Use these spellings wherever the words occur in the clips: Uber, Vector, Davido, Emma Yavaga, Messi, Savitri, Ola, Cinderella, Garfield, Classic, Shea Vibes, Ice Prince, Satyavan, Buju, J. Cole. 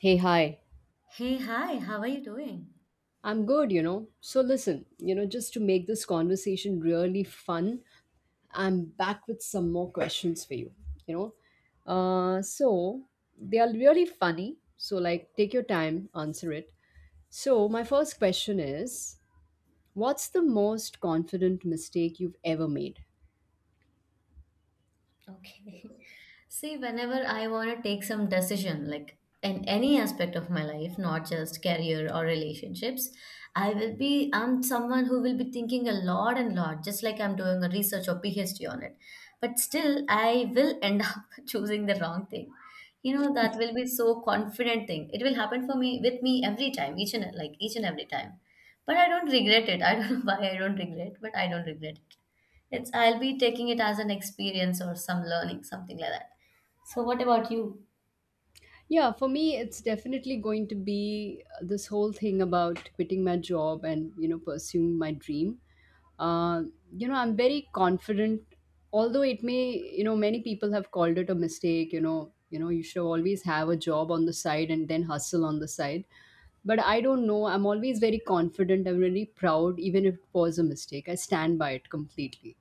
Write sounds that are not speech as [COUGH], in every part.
Hey, hi. Hey, hi, how are you doing? I'm good, you know. So, listen, just to make this conversation really fun, I'm back with some more questions for you, you know. Uh, so, they are really funny. So, like, take your time, answer it. So, my first question is: what's the most confident mistake you've ever made? Okay. [LAUGHS] See, whenever I want to take some decision, like in any aspect of my life, not just career or relationships, I'm someone who will be thinking a lot and lot, just like I'm doing a research or PhD on it. But still, I will end [LAUGHS] up choosing the wrong thing. You know, that will be so confident thing. It will happen for me with me every time, each and like each and every time. But I don't regret it. [LAUGHS] I don't know [LAUGHS] why I don't regret, but I don't regret it. It's I'll be taking it as an experience or some learning, something like that. So what about you? Yeah, for me, it's definitely going to be this whole thing about quitting my job and, you know, pursuing my dream. Uh, I'm very confident, although it may, you know, many people have called it a mistake, you know, you should always have a job on the side and then hustle on the side. But I don't know. I'm always very confident. I'm really proud, even if it was a mistake. I stand by it completely.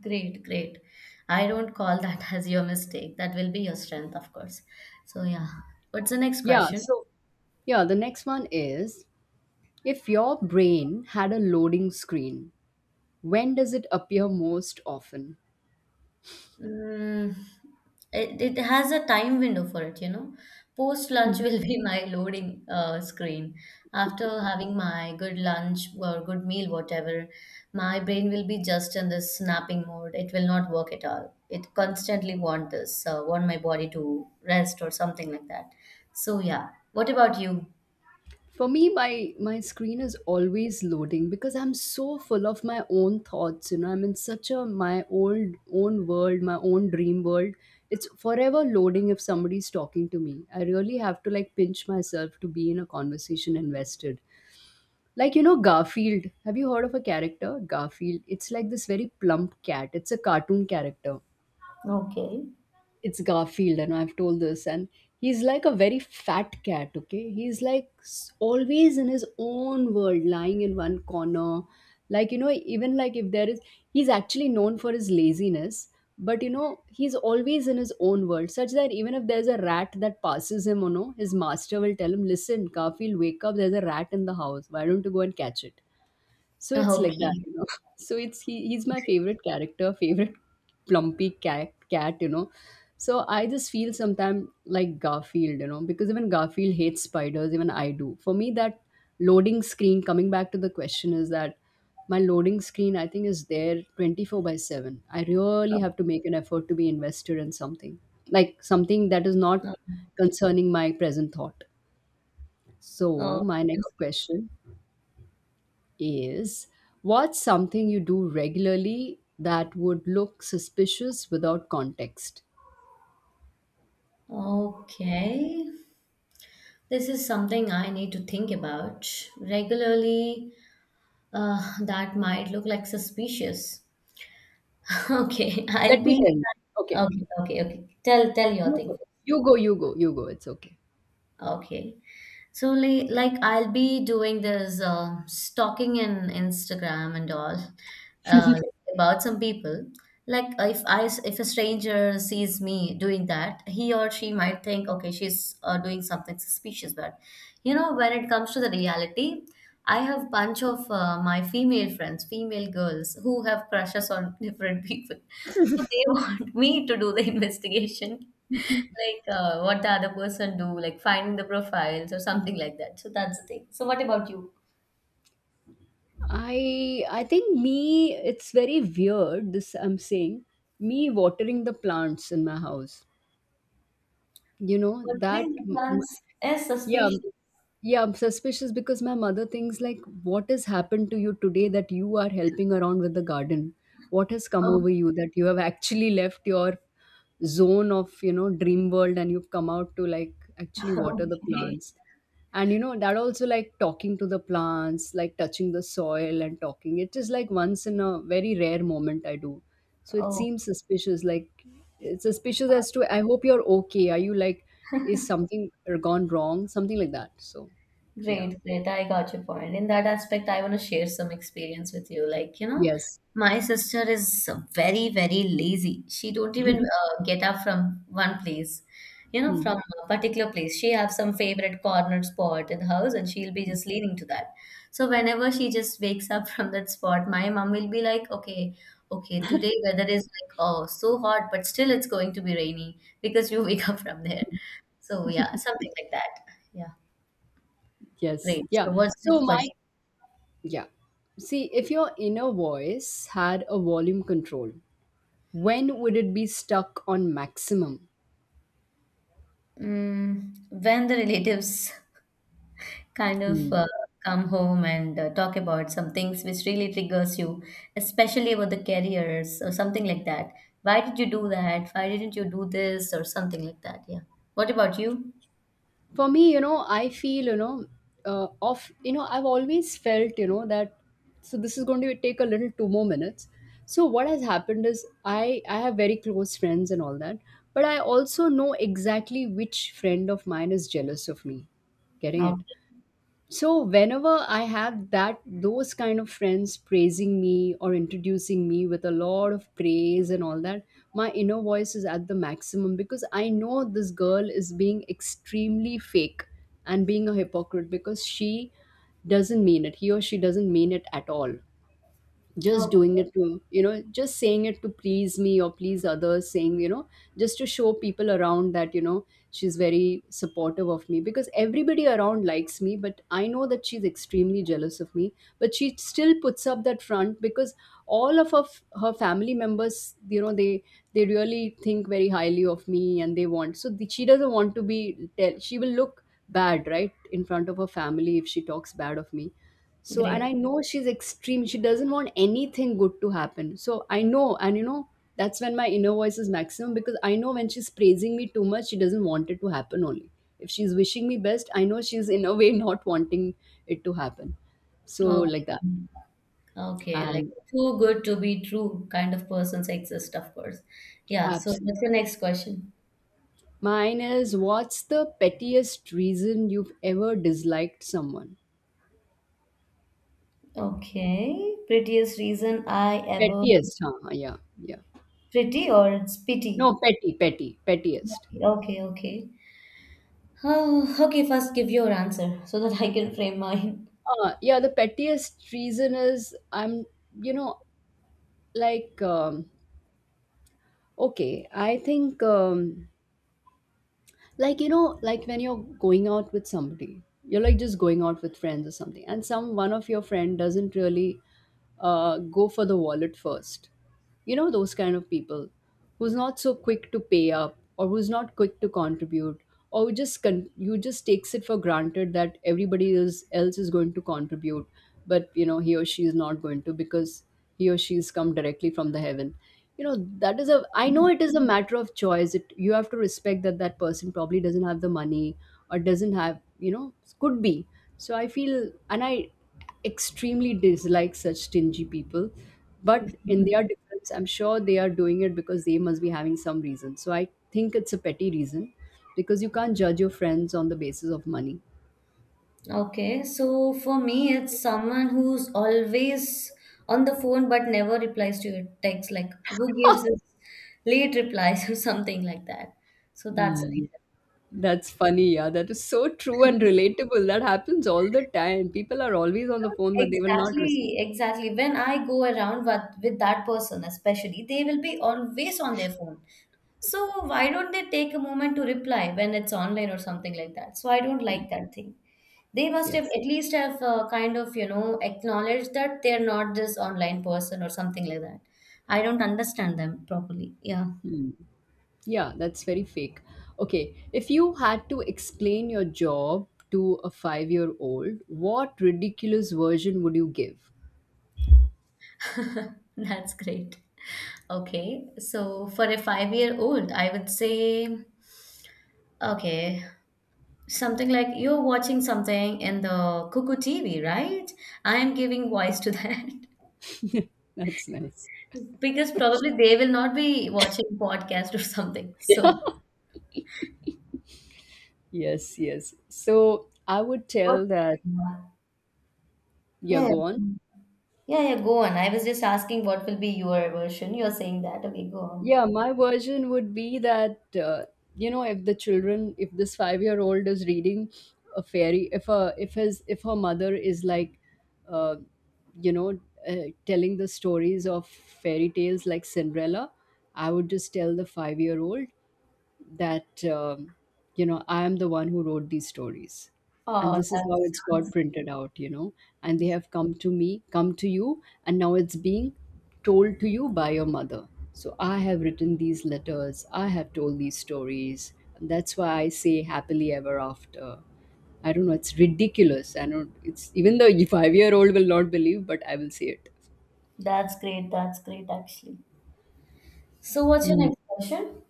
Great, great. I don't call that [LAUGHS] as your mistake. That will be your strength, of course. So yeah. What's the next Yeah. question? So, yeah, the next one is, if your brain had a loading screen, when does it appear most often? Mm, it has a time window for it, you know. Post lunch [LAUGHS] will be my loading screen. After having my good lunch or good meal, whatever, my brain will be just in this snapping mode. It will not work at all. It constantly want this, want my body to rest or something like that. So yeah. What about you? For me, my screen is always loading because I'm so full of my own thoughts. You know, I'm in such a, my old own world, my own dream world. It's forever loading. If somebody's talking to me, I really have to like pinch myself to be in a conversation, invested. Like, you know, Garfield, have you heard of a character Garfield? It's like this very plump cat. It's a cartoon character. Okay. It's Garfield, and I've told this, and he's like a very fat cat. Okay, he's like always in his own world, lying in one corner. Like, you know, even like if there is, he's actually known for his laziness. But you know, he's always in his own world, such that even if there's a rat that passes him or no, his master will tell him, "Listen, Garfield, wake up! There's a rat in the house. Why don't you go and catch it?" So it's like that, Okay. you know. [LAUGHS] So it's he's my Okay. favorite character, favorite [LAUGHS] plumpy cat, you know. So I just feel sometimes like Garfield, you know, because even Garfield hates spiders, even I do. For me, that loading screen, coming back to the question, is that my loading screen, I think, is there 24 by 7. I really have to make an effort to be invested in something, like something that is not concerning my present thought. So, my next Okay. question is, what's something you do regularly that would look suspicious without context? Okay. Okay. This is something I need to think about regularly. That might look like suspicious. [LAUGHS] Okay, I'll Let me be. tell you. Okay. Okay, okay, okay. Tell your You thing. go, you go. It's okay. Okay, so like I'll be doing this stalking in Instagram and all. uh, about some people. Like if I s- if a stranger sees me doing that, he or she might think, okay, she's doing something suspicious. But you know, when it comes to the reality, I have bunch of my female friends, female girls who have crushes on [LAUGHS] different people, so they [LAUGHS] want me to do the investigation. Like what the other person do, like finding the profiles or something like that. So that's the thing. So what about you? I think me it's very weird, this I'm saying, me watering the plants in my house. You know What that thing plans is yeah. suspicious? Yeah, I'm suspicious because my mother thinks like, what has happened to you today that you are helping around with the garden? What has come over [LAUGHS] you that you have actually left your zone of, you know, dream world and you've come out to like actually water the Okay. plants. And you know, that also, like talking to the plants, like touching the soil and talking. It is like once in a very rare moment I do. So it Oh, seems suspicious, like it's suspicious as to, I hope you're okay. Are you like, is something gone wrong? Something like that. So yeah. great, great. I got your point. In that aspect, I want to share some experience with you. Like, you know, Yes. my sister is very, very lazy. She don't even get up from one place, you know, Hmm. from a particular place. She have some favorite corner spot in the house and she'll be just leaning to that. So whenever she just wakes up [LAUGHS] from that spot, my mom will be like, okay, okay, today weather is like, oh, so hot, but still it's going to be rainy because you [LAUGHS] wake up from there. So yeah, something like that. Yeah. Yes. Great. Yeah. So what's the So next my question? yeah. See, if your inner voice had a volume control, when would it be stuck on maximum? Mm, when the relatives [LAUGHS] kind of Hmm. Come home and talk about some things which really triggers you, especially about the careers or something like that. Why did you do that? Why didn't you do this or something like that? Yeah. What about you? For me, you know, I feel, you know, I've always felt, you know, that, so this is going to take a little two more minutes. So what has happened is, I have very close friends and all that, but I also know exactly which friend of mine is jealous of me. Getting it? Okay. So whenever I have that, those kind of friends praising me or introducing me with a lot of praise and all that, my inner voice is at the maximum because I know this girl is being extremely fake and being a hypocrite because she doesn't mean it. He or she doesn't mean it at all, just Oh, doing it to, you know, just saying it to please me or please others, saying, you know, just to show people around that, you know, she's very supportive of me because everybody around likes me, but I know that she's extremely jealous of me but she still puts up that front because all of her, her family members, you know, they really think very highly of me and they want, so the, she doesn't want to be tell, she will look bad right in front of her family if she talks bad of me. So, and great. I know she's extreme. She doesn't want anything good to happen. So, I know, and you know, that's when my inner voice is maximum because I know when she's praising me too much, she doesn't want it to happen only. If she's wishing me best, I know she's in a [LAUGHS] way not wanting it to happen. So, Okay. like that. Okay. Like And too good to be true kind of persons exist, of course. Yeah. So absolutely. what's the next question? Mine is, what's the pettiest reason you've ever disliked someone? Okay. Prettiest reason I ever Pettiest, huh? Yeah, yeah. pretty or it's No, pity? petty, petty, pettiest. Okay, okay. Oh, okay, first give your answer so that I can frame mine. Yeah, the pettiest reason is, I'm, you know, like, okay, I think like, you know, like when you're going out with somebody, you're like just going out with friends or something and some, one of your friend doesn't really go for the wallet first. You know, those kind of people who's not so quick to pay up or who's not quick to contribute or who just you just takes it for granted that everybody else is going to contribute, but you know, he or she is not going to, because he or she's come directly from the heaven, you know. That is a, I know it is a matter of choice, it, you have to respect that that person probably doesn't have the money or doesn't have, you know, could be. So I feel, and I extremely dislike such stingy people. But in their defense, I'm sure they are doing it because they must be having some reason, so I think it's a petty reason because you can't judge your friends on the basis of money. Okay, so for me, it's someone who's always on the phone but never replies to your text, like who gives us late replies [LAUGHS] or something like that. So that's it. Mm. That's funny, yeah. That is so true and relatable. That happens all the time. People are always on the phone, but they will not respond. Exactly, exactly. When I go around with that person, especially, they will be always on their phone. So why don't they take a moment to reply when it's online or something like that? So I don't like that thing. They must have Yes. at least have kind of, you know, acknowledged that they're not this online person or something like that. I don't understand them properly. Yeah. Hmm. Yeah, that's very fake. Okay, if you had to explain your job to a five-year-old, what ridiculous version would you give? [LAUGHS] That's great. Okay, so for a 5 year old, I would say, okay. Something like you're watching something in the cuckoo TV, right? I am giving voice to that [LAUGHS] That's nice. [LAUGHS] because probably they will not be watching podcast or something. So, [LAUGHS] Yes, yes. So I would what? tell that, yeah, Yeah, go on. yeah, yeah. Go on. I was just asking what will be your version. You're saying that. Okay, go on. Yeah, my version would be that you know, if the children, if this five-year-old is reading a fairy, if a, if his, if her mother is like, uh, you know, telling the stories of fairy tales like Cinderella, I would just tell the five-year-old that you know, I am the one who wrote these stories and Oh, this is that how it's got sounds printed out, you know, and they have come to me, come to you, and now it's being told to you by your mother. So I have written these letters, I have told these stories, and that's why I say happily ever after. I don't know, it's ridiculous, I don't, it's, even the five-year-old will not believe, but I will say it. that's great. That's great, actually. So, what's your Mm. next question?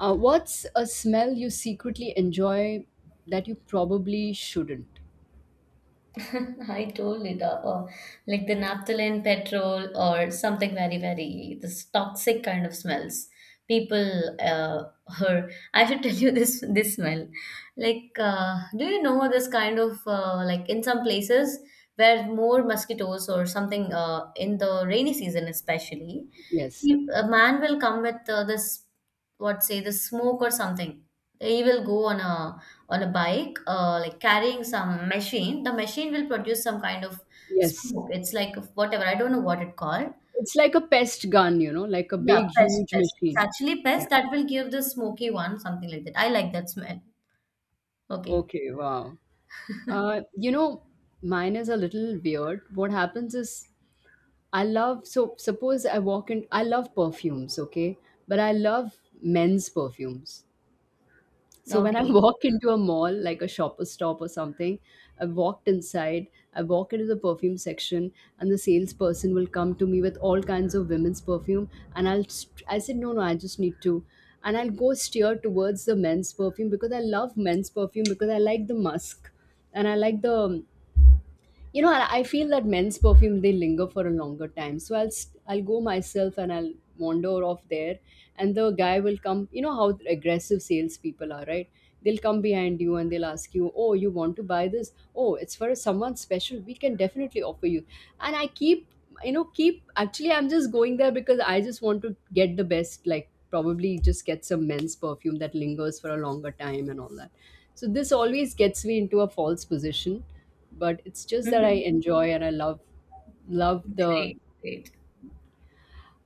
What's a smell you secretly enjoy that you probably shouldn't? [LAUGHS] I told it, like the naphthalene petrol or something very, very this toxic kind of smells. People, her. I should [LAUGHS] tell you this smell. Like, do you know this kind of like in some places where more mosquitoes or something in the rainy season especially, Yes. you- a man will come with this what say the smoke or something. He will go on a bike, like carrying some machine, the machine will produce some kind of Yes. smoke. It's like whatever, I don't know what it called. It's like a pest gun, you know, like a Yeah, big, pest, huge pest. It's machine. actually Yeah. pest that will give the smoky one, something like that. I like that smell. Okay. Okay, wow. You know, mine is a little weird. What happens is, I love, so suppose I walk in, I love perfumes, okay? But I love men's perfumes. So when I [LAUGHS] Okay. walk into a mall, like a shopper stop or something, I walked inside, I walk into the perfume section, and the salesperson will come to me with all kinds of women's perfume, and I'll I said no, no, I just need to, and I'll go steer towards the men's perfume because I love men's perfume because I like the musk, and I like the you know, I feel that men's perfume, they linger for a longer time, so I'll I'll go myself and I'll wander off there. And the guy will come, you know how aggressive salespeople are, right? They'll come behind you and they'll ask you, oh, you want to buy this, oh, it's for someone special, we can definitely offer you. And I keep, you know, keep, actually I'm just going there because I just want to get the best, like probably just get some men's perfume that lingers for a longer time and all that. So this always gets me into a false position, but it's just that I [LAUGHS] enjoy and I love love the Great, great.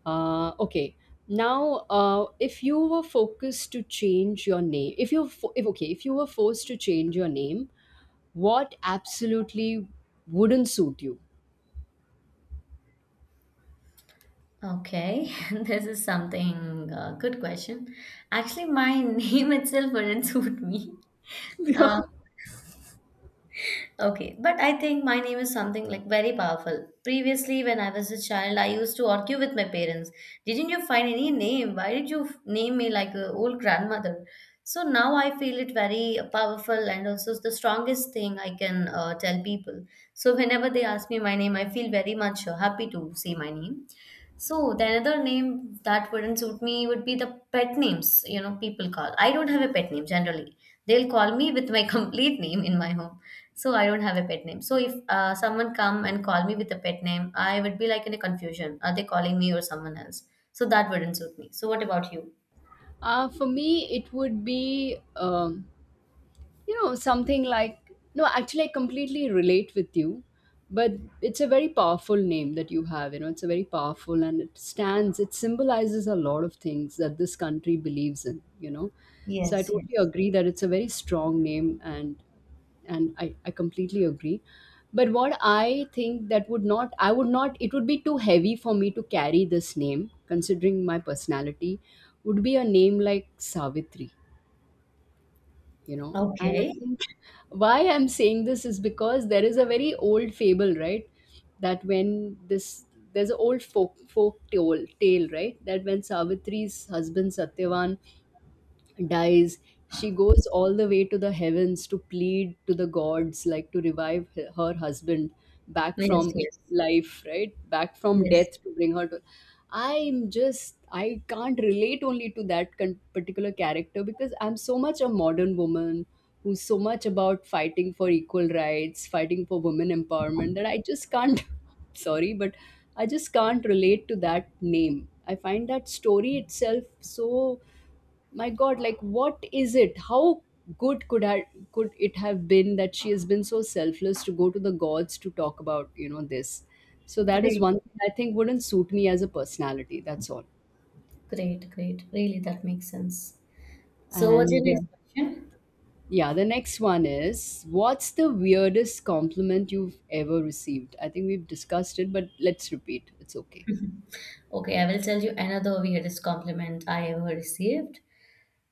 okay. Now, if you were focused to change your name, if you fo- if okay, if you were forced to change your name, what absolutely wouldn't suit you? [LAUGHS] Okay, [LAUGHS] this is something good question. Actually, my [LAUGHS] name itself wouldn't suit me. Yeah. Uh, Okay, but I think my name is something like very powerful. Previously, when I was a child, I used to argue with my parents. Didn't you find any name? Why did you f- name me like a old grandmother? So now I feel it very powerful and also the strongest thing I can tell people. So whenever they ask me my name, I feel very much happy to say my name. So the another name that wouldn't suit me would be the pet names, you know, people call. I don't have a pet name generally. They'll call me with my [LAUGHS] complete name in my home. So I don't have a pet name. So if someone come and call me with a pet name, I would be like in a confusion. Are they calling me or someone else? So that wouldn't suit me. So what about you? For me, it would be um, you know, something like, no, actually, I completely relate with you, but it's a very powerful name that you have, you know. It's a very powerful and it stands, it symbolizes a lot of things that this country believes in, you know. So I Yes, totally yes. agree that it's a very strong name. And I completely agree, but what I think that would not, I would not, it would be too heavy for me to carry this name considering my personality, would be a name like Savitri, you know. And I Okay. think why I'm saying this is because there is a very old fable, right? That when this, there's an old folk tale right, that when Savitri's husband Satyavan dies, she goes all the way to the heavens to plead to the gods, like to revive her husband back Yes, from yes. life, right? Back from Yes. death, to bring her to, I'm just, I can't relate only to that particular character because I'm so much a modern woman who's so much about fighting for equal rights, fighting for women empowerment, that I just can't, [LAUGHS] sorry, but I just can't relate to that name. I find that story itself so, my God, like what is it, how good could I, could it have been that she has been so selfless to go to the gods to talk about, you know, this. So that is Great. one thing I think wouldn't suit me as a personality, that's all. Great, great. Really, that makes sense. So what's your And next question? Yeah, the next one is, what's the weirdest compliment you've ever received? I think we've discussed it, but let's repeat, it's okay. Okay, I will tell you another weirdest compliment I ever received.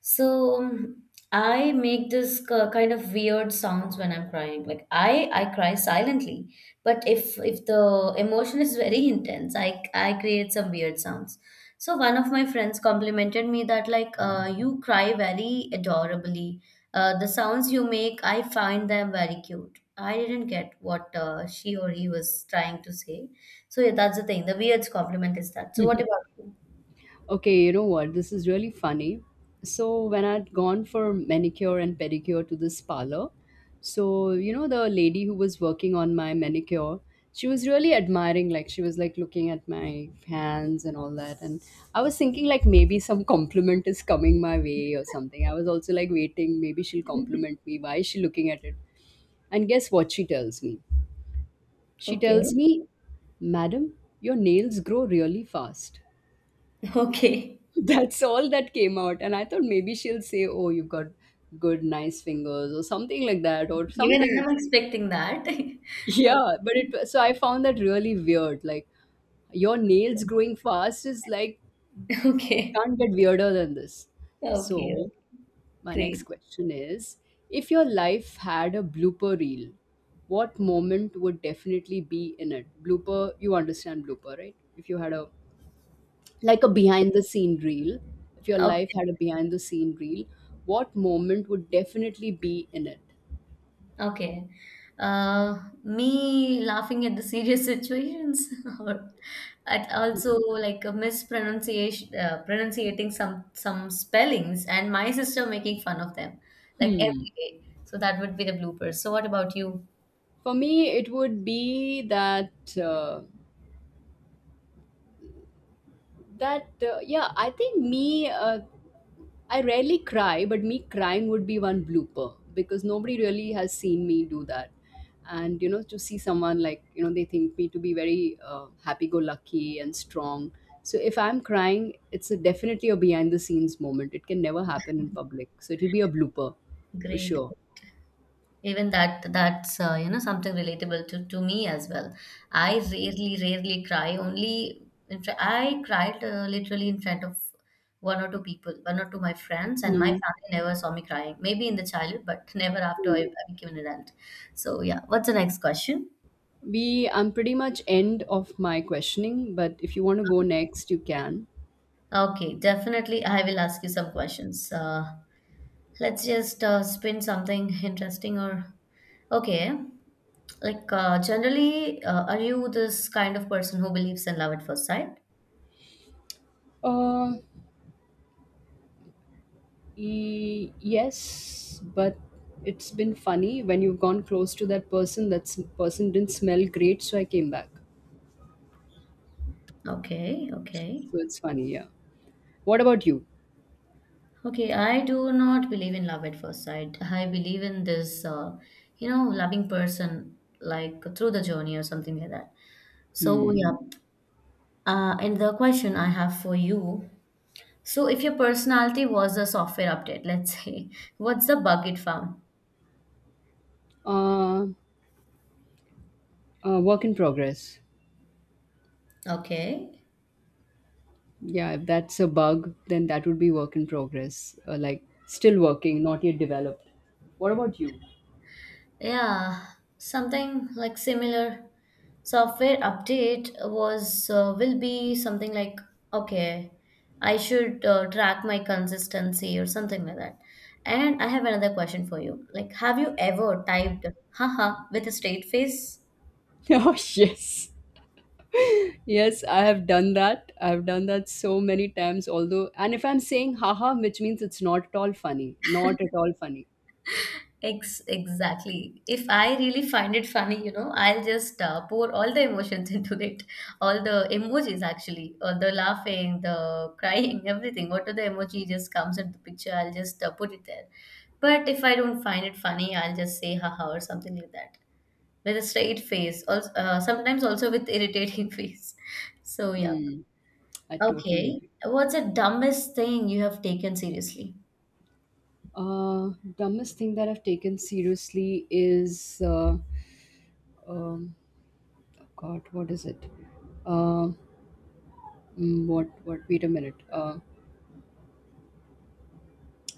So I make this k- kind of weird sounds when I'm crying. Like I cry silently, but if the emotion is very intense, I create some weird sounds. So one of my friends complimented me that like you cry very adorably. The sounds you make, I find them very cute. I didn't get what she or he was trying to say. So yeah, that's the thing. The weird compliment is that. So what about you? Okay, you know what? This is really funny. So when I'd gone for manicure and pedicure to this parlor, so you know, the lady who was working on my manicure, she was really admiring, like she was like looking at my hands and all that. And I was thinking, like maybe some compliment is coming my way or something. I was also like waiting, maybe she'll compliment me. Why is she looking at it? And guess what she tells me? She tells Okay. me, Madam, your nails grow really fast. [LAUGHS] Okay. [LAUGHS] That's all that came out. And I thought maybe she'll say, oh, you've got good, nice fingers, or something like that, or Even something. I'm [LAUGHS] expecting that. [LAUGHS] Yeah, but it, so I found that really weird. Like, your nails growing fast is like, Okay. it Okay. can't get weirder than this. Okay. So, my next Great. question is, if your life had a blooper reel, what moment would definitely be in it? Blooper, you understand blooper, right? If you had a, like a behind the scene reel, if your life Okay. had a behind the scene reel, what moment would definitely be in it? Okay. Me laughing at the serious situations [LAUGHS] or at also like a mispronunciation, pronunciating some spellings, and my sister making fun of them like Hmm. every day. So that would be the bloopers. So what about you? For me, it would be that uh, that yeah, I think me I rarely cry, but me crying would be one blooper because nobody really has seen me do that. And you know, to see someone like, you know, they think me to be very happy-go-lucky and strong. So if I'm crying, it's a, definitely a behind-the-scenes moment. It can never happen in public, so it'll be a blooper for Great. sure. Even that that's you know something relatable to me as well. I rarely rarely cry. Only in fr- I cried literally in front of one or two people, one or two my friends, and my Hmm. family never saw me crying. Maybe in the childhood, but [LAUGHS] never after I, Hmm. I became an adult. So yeah, what's the next question? We, I'm pretty much end of my questioning, but if you want to go next, you can. Okay, definitely I will ask you some questions. Let's just spin something [LAUGHS] interesting or okay. Like generally, are you this kind of person who believes in love at first sight? Uh, yes, but it's been funny when you've gone close to that person. That person didn't smell great, so I came back. Okay, okay. So it's funny, yeah. What about you? Okay, I do not believe in love at first sight. I believe in this, you know, loving person like through the journey or something like that. So, Hmm. yeah. And the question I have for you. So, if your personality was a software update, let's say, [LAUGHS] what's the bug it found? Uh, Work in progress. Okay. Yeah, if that's a bug, then that would be work in progress. Like still working, not yet developed. What about you? [LAUGHS] Yeah, something like similar. Software update was will be something like okay I should track my consistency or something like that and I have another question for you like have you ever typed haha with a straight face? Oh, yes. Yes, I have done that. I've done that so many times. Although, and if I'm saying haha, which means it's not at all funny, not at all funny. Ex- exactly. If I really find it funny, you know, I'll just pour all the emotions [LAUGHS] into it. All the emojis, actually, all the laughing, the [LAUGHS] crying, everything. Whatever the emoji just comes into the picture, I'll just put it there. But if I don't find it funny, I'll just say haha or something like that with a straight face. Also, sometimes also with irritating [LAUGHS] face. So yeah. Mm, I totally Okay. agree. What's the dumbest thing you have taken seriously? Uh, Dumbest thing that I've taken seriously is, um, God, what is it? Uh, what, wait a minute.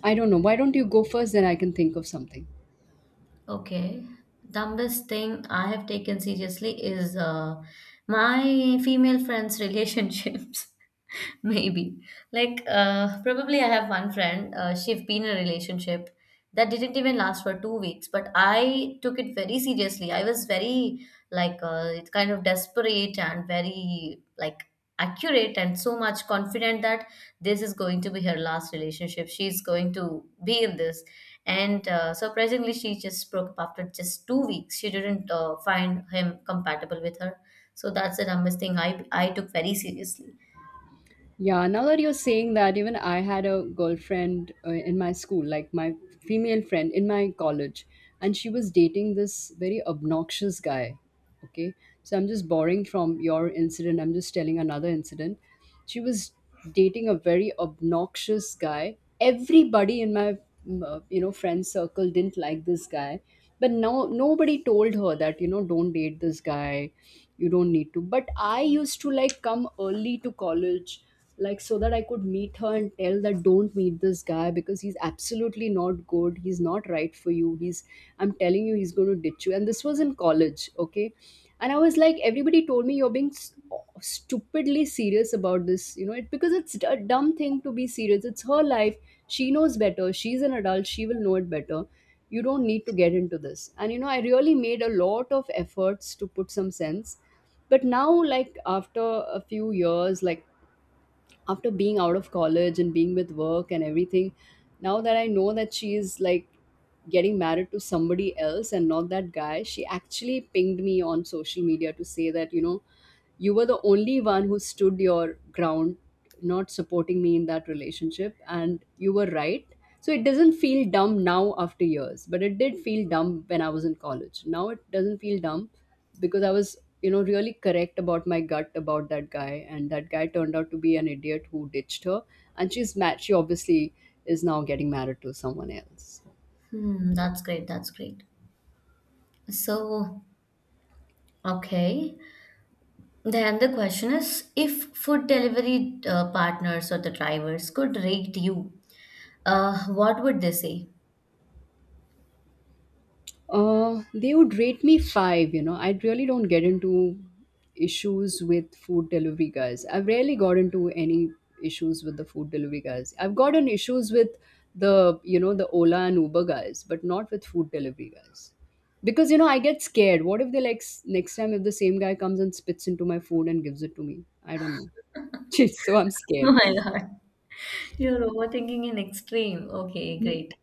I don't know. Why don't you go first? Then I can think of something. Okay. Dumbest thing I have taken seriously is my female friends' relationships. [LAUGHS] [LAUGHS] Maybe. Like, probably I have one friend, she have been in a relationship that didn't even last for 2 weeks, but I took it very seriously. I was very, like, it's kind of desperate and very, like, accurate and so much confident that this is going to be her last relationship. She's going to be in this. And surprisingly, she just broke up after just 2 weeks. She didn't find him compatible with her. So that's the dumbest thing I took very seriously. Yeah, now that you're saying that, even I had a girlfriend in my school, like my female friend in my college, and she was dating this very obnoxious guy. Okay, so I'm just borrowing from your incident, I'm just telling another incident. She was dating a very obnoxious guy. Everybody in my, you know, friend circle didn't like this guy, but no nobody told her that, you know, don't date this guy, you don't need to. But I used to like come early to college like so that I could meet her and tell that, don't meet this guy because he's absolutely not good. He's not right for you. He's, I'm telling you he's going to ditch you. And this was in college, okay? And I was like, everybody told me you're being stupidly serious about this, you know, it, because it's a dumb thing to be serious. It's her life. She knows better. She's an adult. She will know it better. You don't need to get into this. And you know, I really made a lot of efforts to put some sense, but now like after a few years, like after being out of college and being with work and everything, now that I know that she is like getting married to somebody else and not that guy, she actually pinged me on social media to say that, you know, you were the only one who stood your ground, not supporting me in that relationship, and you were right. So it doesn't feel dumb now after years, but it did feel dumb when I was in college. Now it doesn't feel dumb because I was, you know, really correct about my gut about that guy, and that guy turned out to be an idiot who ditched her. And she's mad, she obviously is now getting married to someone else. Hmm, that's great. That's great. So, okay. Then the question is, if food delivery partners or the drivers could rate you, what would they say? [LAUGHS] They would rate me five, you know. I really don't get into issues with food delivery guys. I've rarely got into any issues with the food delivery guys. I've gotten issues with the, you know, the Ola and Uber guys, but not with food delivery guys. Because, you know, I get scared. What if they like next time if the same guy comes and spits into my food and gives it to me? I don't know. [LAUGHS] So I'm Oh scared. my God, you're overthinking in extreme. Okay, great.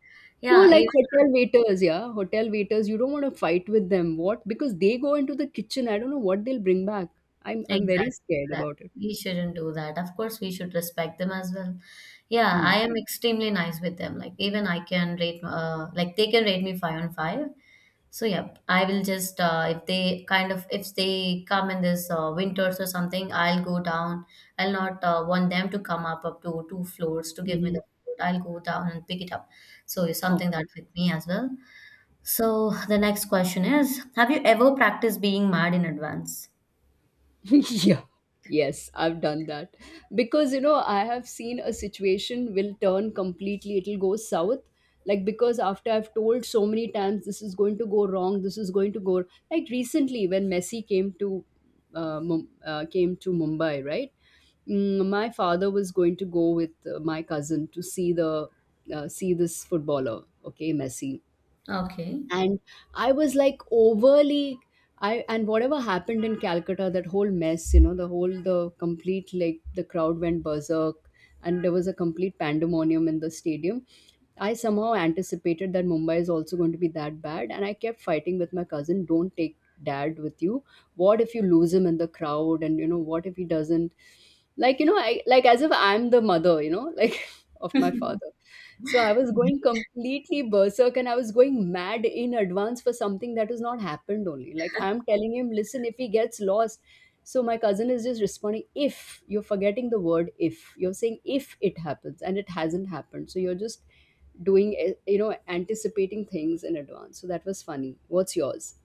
No, Yeah, like even, hotel waiters, yeah. Hotel waiters, you don't want to fight with them. What? Because they go into the kitchen. I don't know what they'll bring back. I'm exactly, very scared exactly. about it. We shouldn't do that. Of course, we should respect them as well. Yeah, Hmm. I am extremely nice with them. Like even I can rate, like they can rate me five on five. So yeah, I will just if they kind of if they come in this winters or something, I'll go down. I'll not want them to come up to two floors to give me Mm-hmm. the food. I'll go down and pick it up. So it's something that Okay. with me as well. So the next question is, have you ever practiced being mad in advance? [LAUGHS] Yeah, yes, I've done that because you know, I have seen a situation will turn completely, it'll go south, like because after I've told so many times, this is going to go wrong, this is going to go, like recently when Messi came to, came to Mumbai, right? Mm, my father was going to go with my cousin to see the see this footballer, okay, Messi. Okay. And I was like overly, I, and whatever happened in Calcutta, that whole mess, you know, the whole, the complete, like the crowd went berserk, and there was a complete pandemonium in the stadium. I somehow anticipated that Mumbai is also going to be that bad, and I kept fighting with my cousin. Don't take dad with you. What if you lose him in the crowd? And you know, what if he doesn't? Like you know, I, like as if I'm the mother, you know, like [LAUGHS] of my father. [LAUGHS] So I was going completely berserk, and I was going mad in advance for something that has not happened. Only like I'm telling him, listen, if he gets lost. So my cousin is just responding, if you're forgetting the word if, you're saying if it happens and it hasn't happened. So you're just doing you know, anticipating things in advance. So that was funny, what's yours?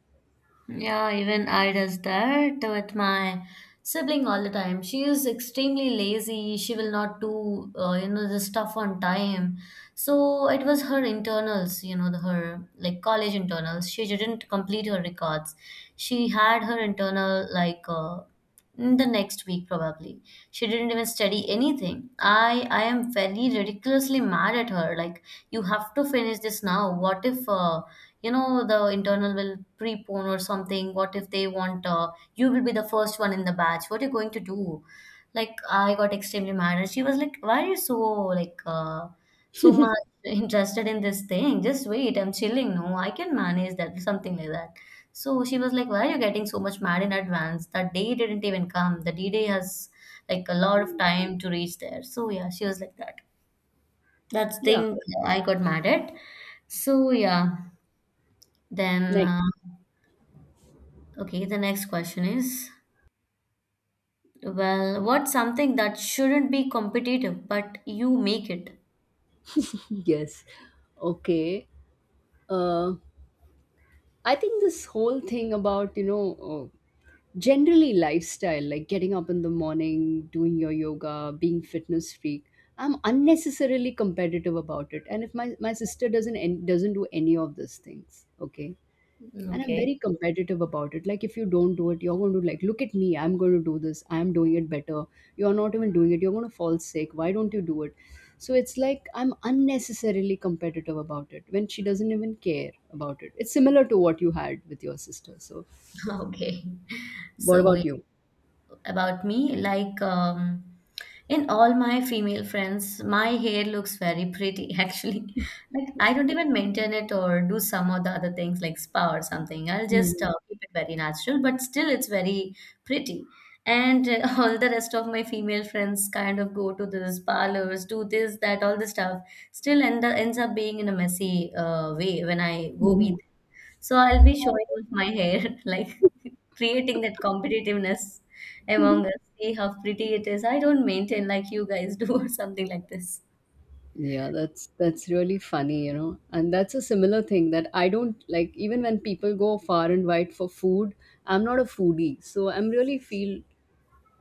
Yeah, even I does that with my sibling all the time. She is extremely lazy. She will not do you know the stuff on time. So it was her internals, you know, the, her like college internals. She didn't complete her records. She had her internal like in the next week probably. She didn't even study anything. I am very ridiculously mad at her. Like you have to finish this now. What if you know the internal will prepone or something? What if they want, you will be the first one in the batch? What are you going to do? Like I got extremely mad and she was like, why are you so like, so much [LAUGHS] [LAUGHS] interested in this thing? Just wait, I'm chilling. No, I can manage that, something like that. So she was like, why are you getting so much mad in advance? That day didn't even come. The d-day has like a lot of time to reach there. So yeah, she was like that. That's the Yeah, thing. I got mad at. So yeah. Then uh, next, okay, the next question is, well, what's something that shouldn't be competitive, but you make it? yes, okay. uh I think this whole thing about, you know, generally lifestyle, like getting up in the morning, doing your yoga, being fitness freak, I'm unnecessarily competitive about it. And if my sister doesn't do any of these things, okay, and I'm Okay. very competitive about it, like if you don't do it, you're going to, like, look at me, I'm going to do this, I'm doing it better, you're not even doing it, you're going to fall sick, why don't you do it? So it's like I'm unnecessarily competitive about it when she doesn't even care about it. It's similar to what you had with your sister. So [LAUGHS] Okay. what So we- about you? about me, like in all my female friends, my hair looks very pretty [LAUGHS] actually. Like I don't even maintain it or do some of the other things like spa or something. I'll just Hmm. Keep it very natural, but still it's very pretty. And [LAUGHS] all the rest of my female friends kind of go to these parlors, do this, that, all this stuff. Still ends up being in a messy way when I go meet. Hmm. So I'll be showing off my hair, [LAUGHS] like creating that competitiveness among us. [LAUGHS] See how pretty it is. I don't maintain like you guys [LAUGHS] do, or something like this. Yeah, that's really funny, you know. And that's a similar thing, that I don't like even when people go far and wide for food, I'm not a foodie. So I'm really feel,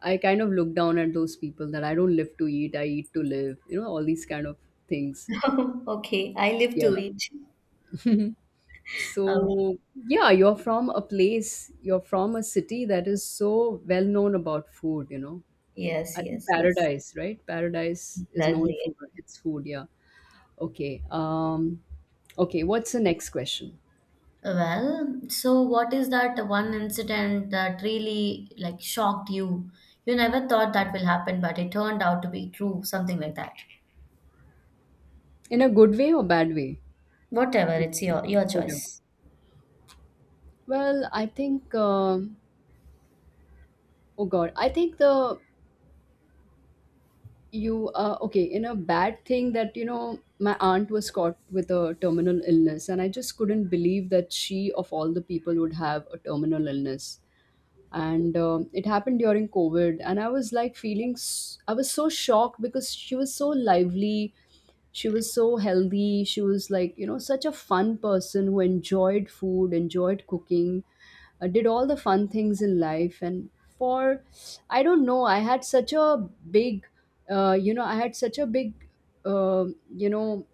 I kind of look down at those people, that I don't live to eat, I eat to live, you know, all these kind of things. [LAUGHS] Okay, I live Yeah. to eat. Um, So, yeah, you're from a place, you're from a city that is so well known about food, you know. Yes, I think yes, yes. Paradise, right? Paradise is known Exactly. for its food, yeah. Okay. Okay. What's the next question? Well, so what is that one incident that really like shocked you? You never thought that will happen, but it turned out to be true, something like that. In a good way or bad way? Whatever, Okay, it's your whatever. choice. Well, I think, oh God, I think the, you. Okay, in a bad thing, that you know, my aunt was caught with a terminal illness, and I just couldn't believe that she, of all the people, would have a terminal illness. And it happened during COVID, and I was like feeling I was so shocked because she was so lively, she was so healthy, she was like, you know, such a fun person who enjoyed food, enjoyed cooking, did all the fun things in life, and for, I don't know, I had such a big, you know, I had such a big uh, you know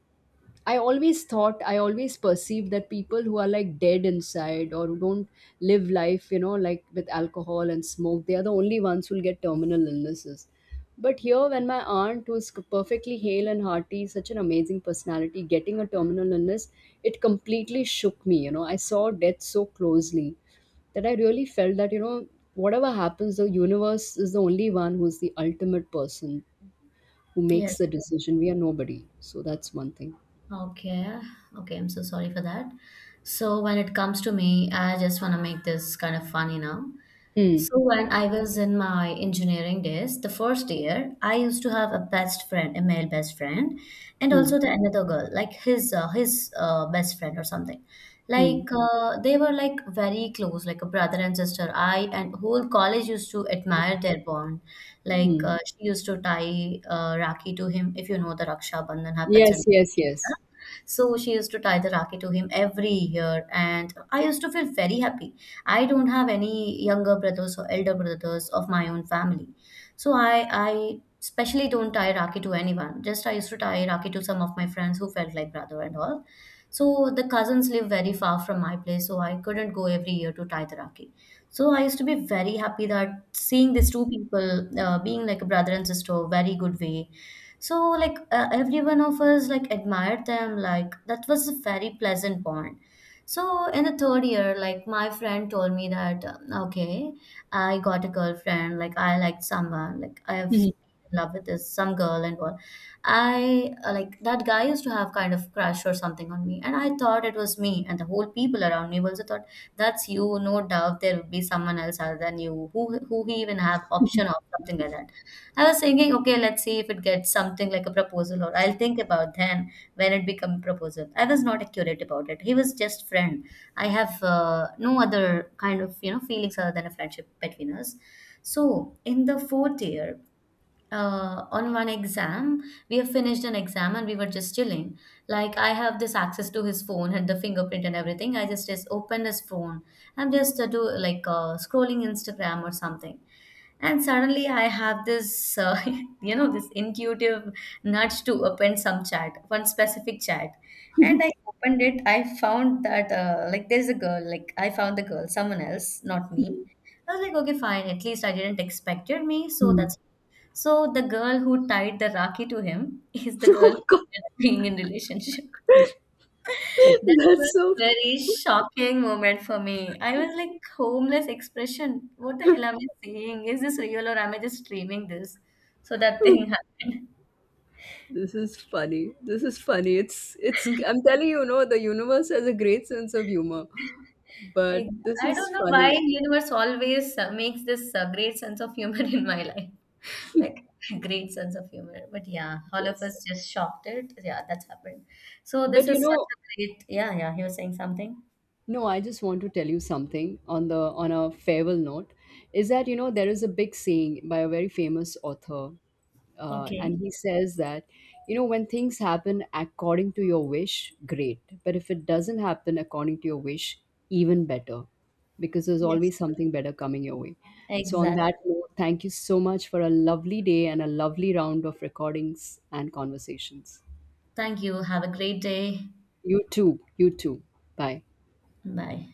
I always thought, I always perceived that people who are like dead inside or who don't live life, you know, like with alcohol and smoke, they are the only ones who'll get terminal illnesses. But here, when my aunt, who's perfectly hale and hearty, such an amazing personality, getting a terminal illness, it completely shook me. You know, I saw death so closely, that I really felt that, you know, whatever happens, the universe is the only one who's the ultimate person who makes Yes. the decision. We are nobody. So that's one thing. Okay, okay, I'm so sorry for that. So when it comes to me, I just want to make this kind of funny now. Hmm. So when I was in my engineering days, the first year, I used to have a best friend, a male best friend, and Hmm. also the another girl, like his his best friend or something. Hmm. Like they were like very close, like a brother and sister. I and whole college used to admire their bond. Like Mm. She used to tie Rakhi to him, if you know the Raksha Bandhan happens Yes, in yes, India. yes. So she used to tie the Rakhi to him every year, and I used to feel very happy. I don't have any younger brothers or elder brothers of my own family. So I especially don't tie Rakhi to anyone. Just I used to tie Rakhi to some of my friends who felt like brother and all. So the cousins live very far from my place, so I couldn't go every year to tie the Rakhi. So I used to be very happy that seeing these two people being like a brother and sister, very good way. So like every one of us like admired them. Like that was a very pleasant bond. So in the third year, like my friend told me that, okay, I got a girlfriend, like I liked someone, like I've Mm, in love with this some girl and all. I Like that guy used to have kind of crush or something on me, and I thought it was me, and the whole people around me also thought that's you, no doubt there would be someone else other than you who even have option of something like that. I was thinking, okay, let's see if it gets something like a proposal or I'll think about then when it become proposal. I was not accurate about it. He was just friend. I have no other kind of, you know, feelings other than a friendship between us. So in the fourth year, on one exam, we have finished an exam and we were just chilling. Like I have this access to his phone and the fingerprint and everything. I just opened his phone. I'm just do like scrolling Instagram or something, and suddenly I have this [LAUGHS] you know this intuitive nudge to open some chat, one specific chat, and I opened it. I found that like there's a girl. Like I found the girl, someone else, not me. I was like, okay, fine. At least I didn't expected me, so mm. that's so the girl who tied the Rakhi to him is [LAUGHS] the girl who Oh God, ended up being in relationship. [LAUGHS] That was that's so. very shocking moment for me. I was like, homeless expression. What the hell am I saying? Is this real or am I just dreaming this? So that thing [LAUGHS] happened. This is funny. This is funny. It's it's. I'm telling you, no, the universe has a great sense of humor, but Ex- this I is don't know why funny. universe always makes this great sense of humor [LAUGHS] in my life. Like great sense of humor. But yeah, all of Yes, us just shocked it. Yeah, that's happened. So this but you is such know, a great. Yeah, yeah. He was saying something. no, I just want to tell you something on the, on a farewell note, is that you know, there is a big saying by a very famous author, and Okay. he says that, you know, when things happen according to your wish, great, but if it doesn't happen according to your wish, even better, because there's Yes, always something better coming your way. So on exactly. that note, thank you so much for a lovely day and a lovely round of recordings and conversations. Thank you. Have a great day. You too, you too. Bye. Bye.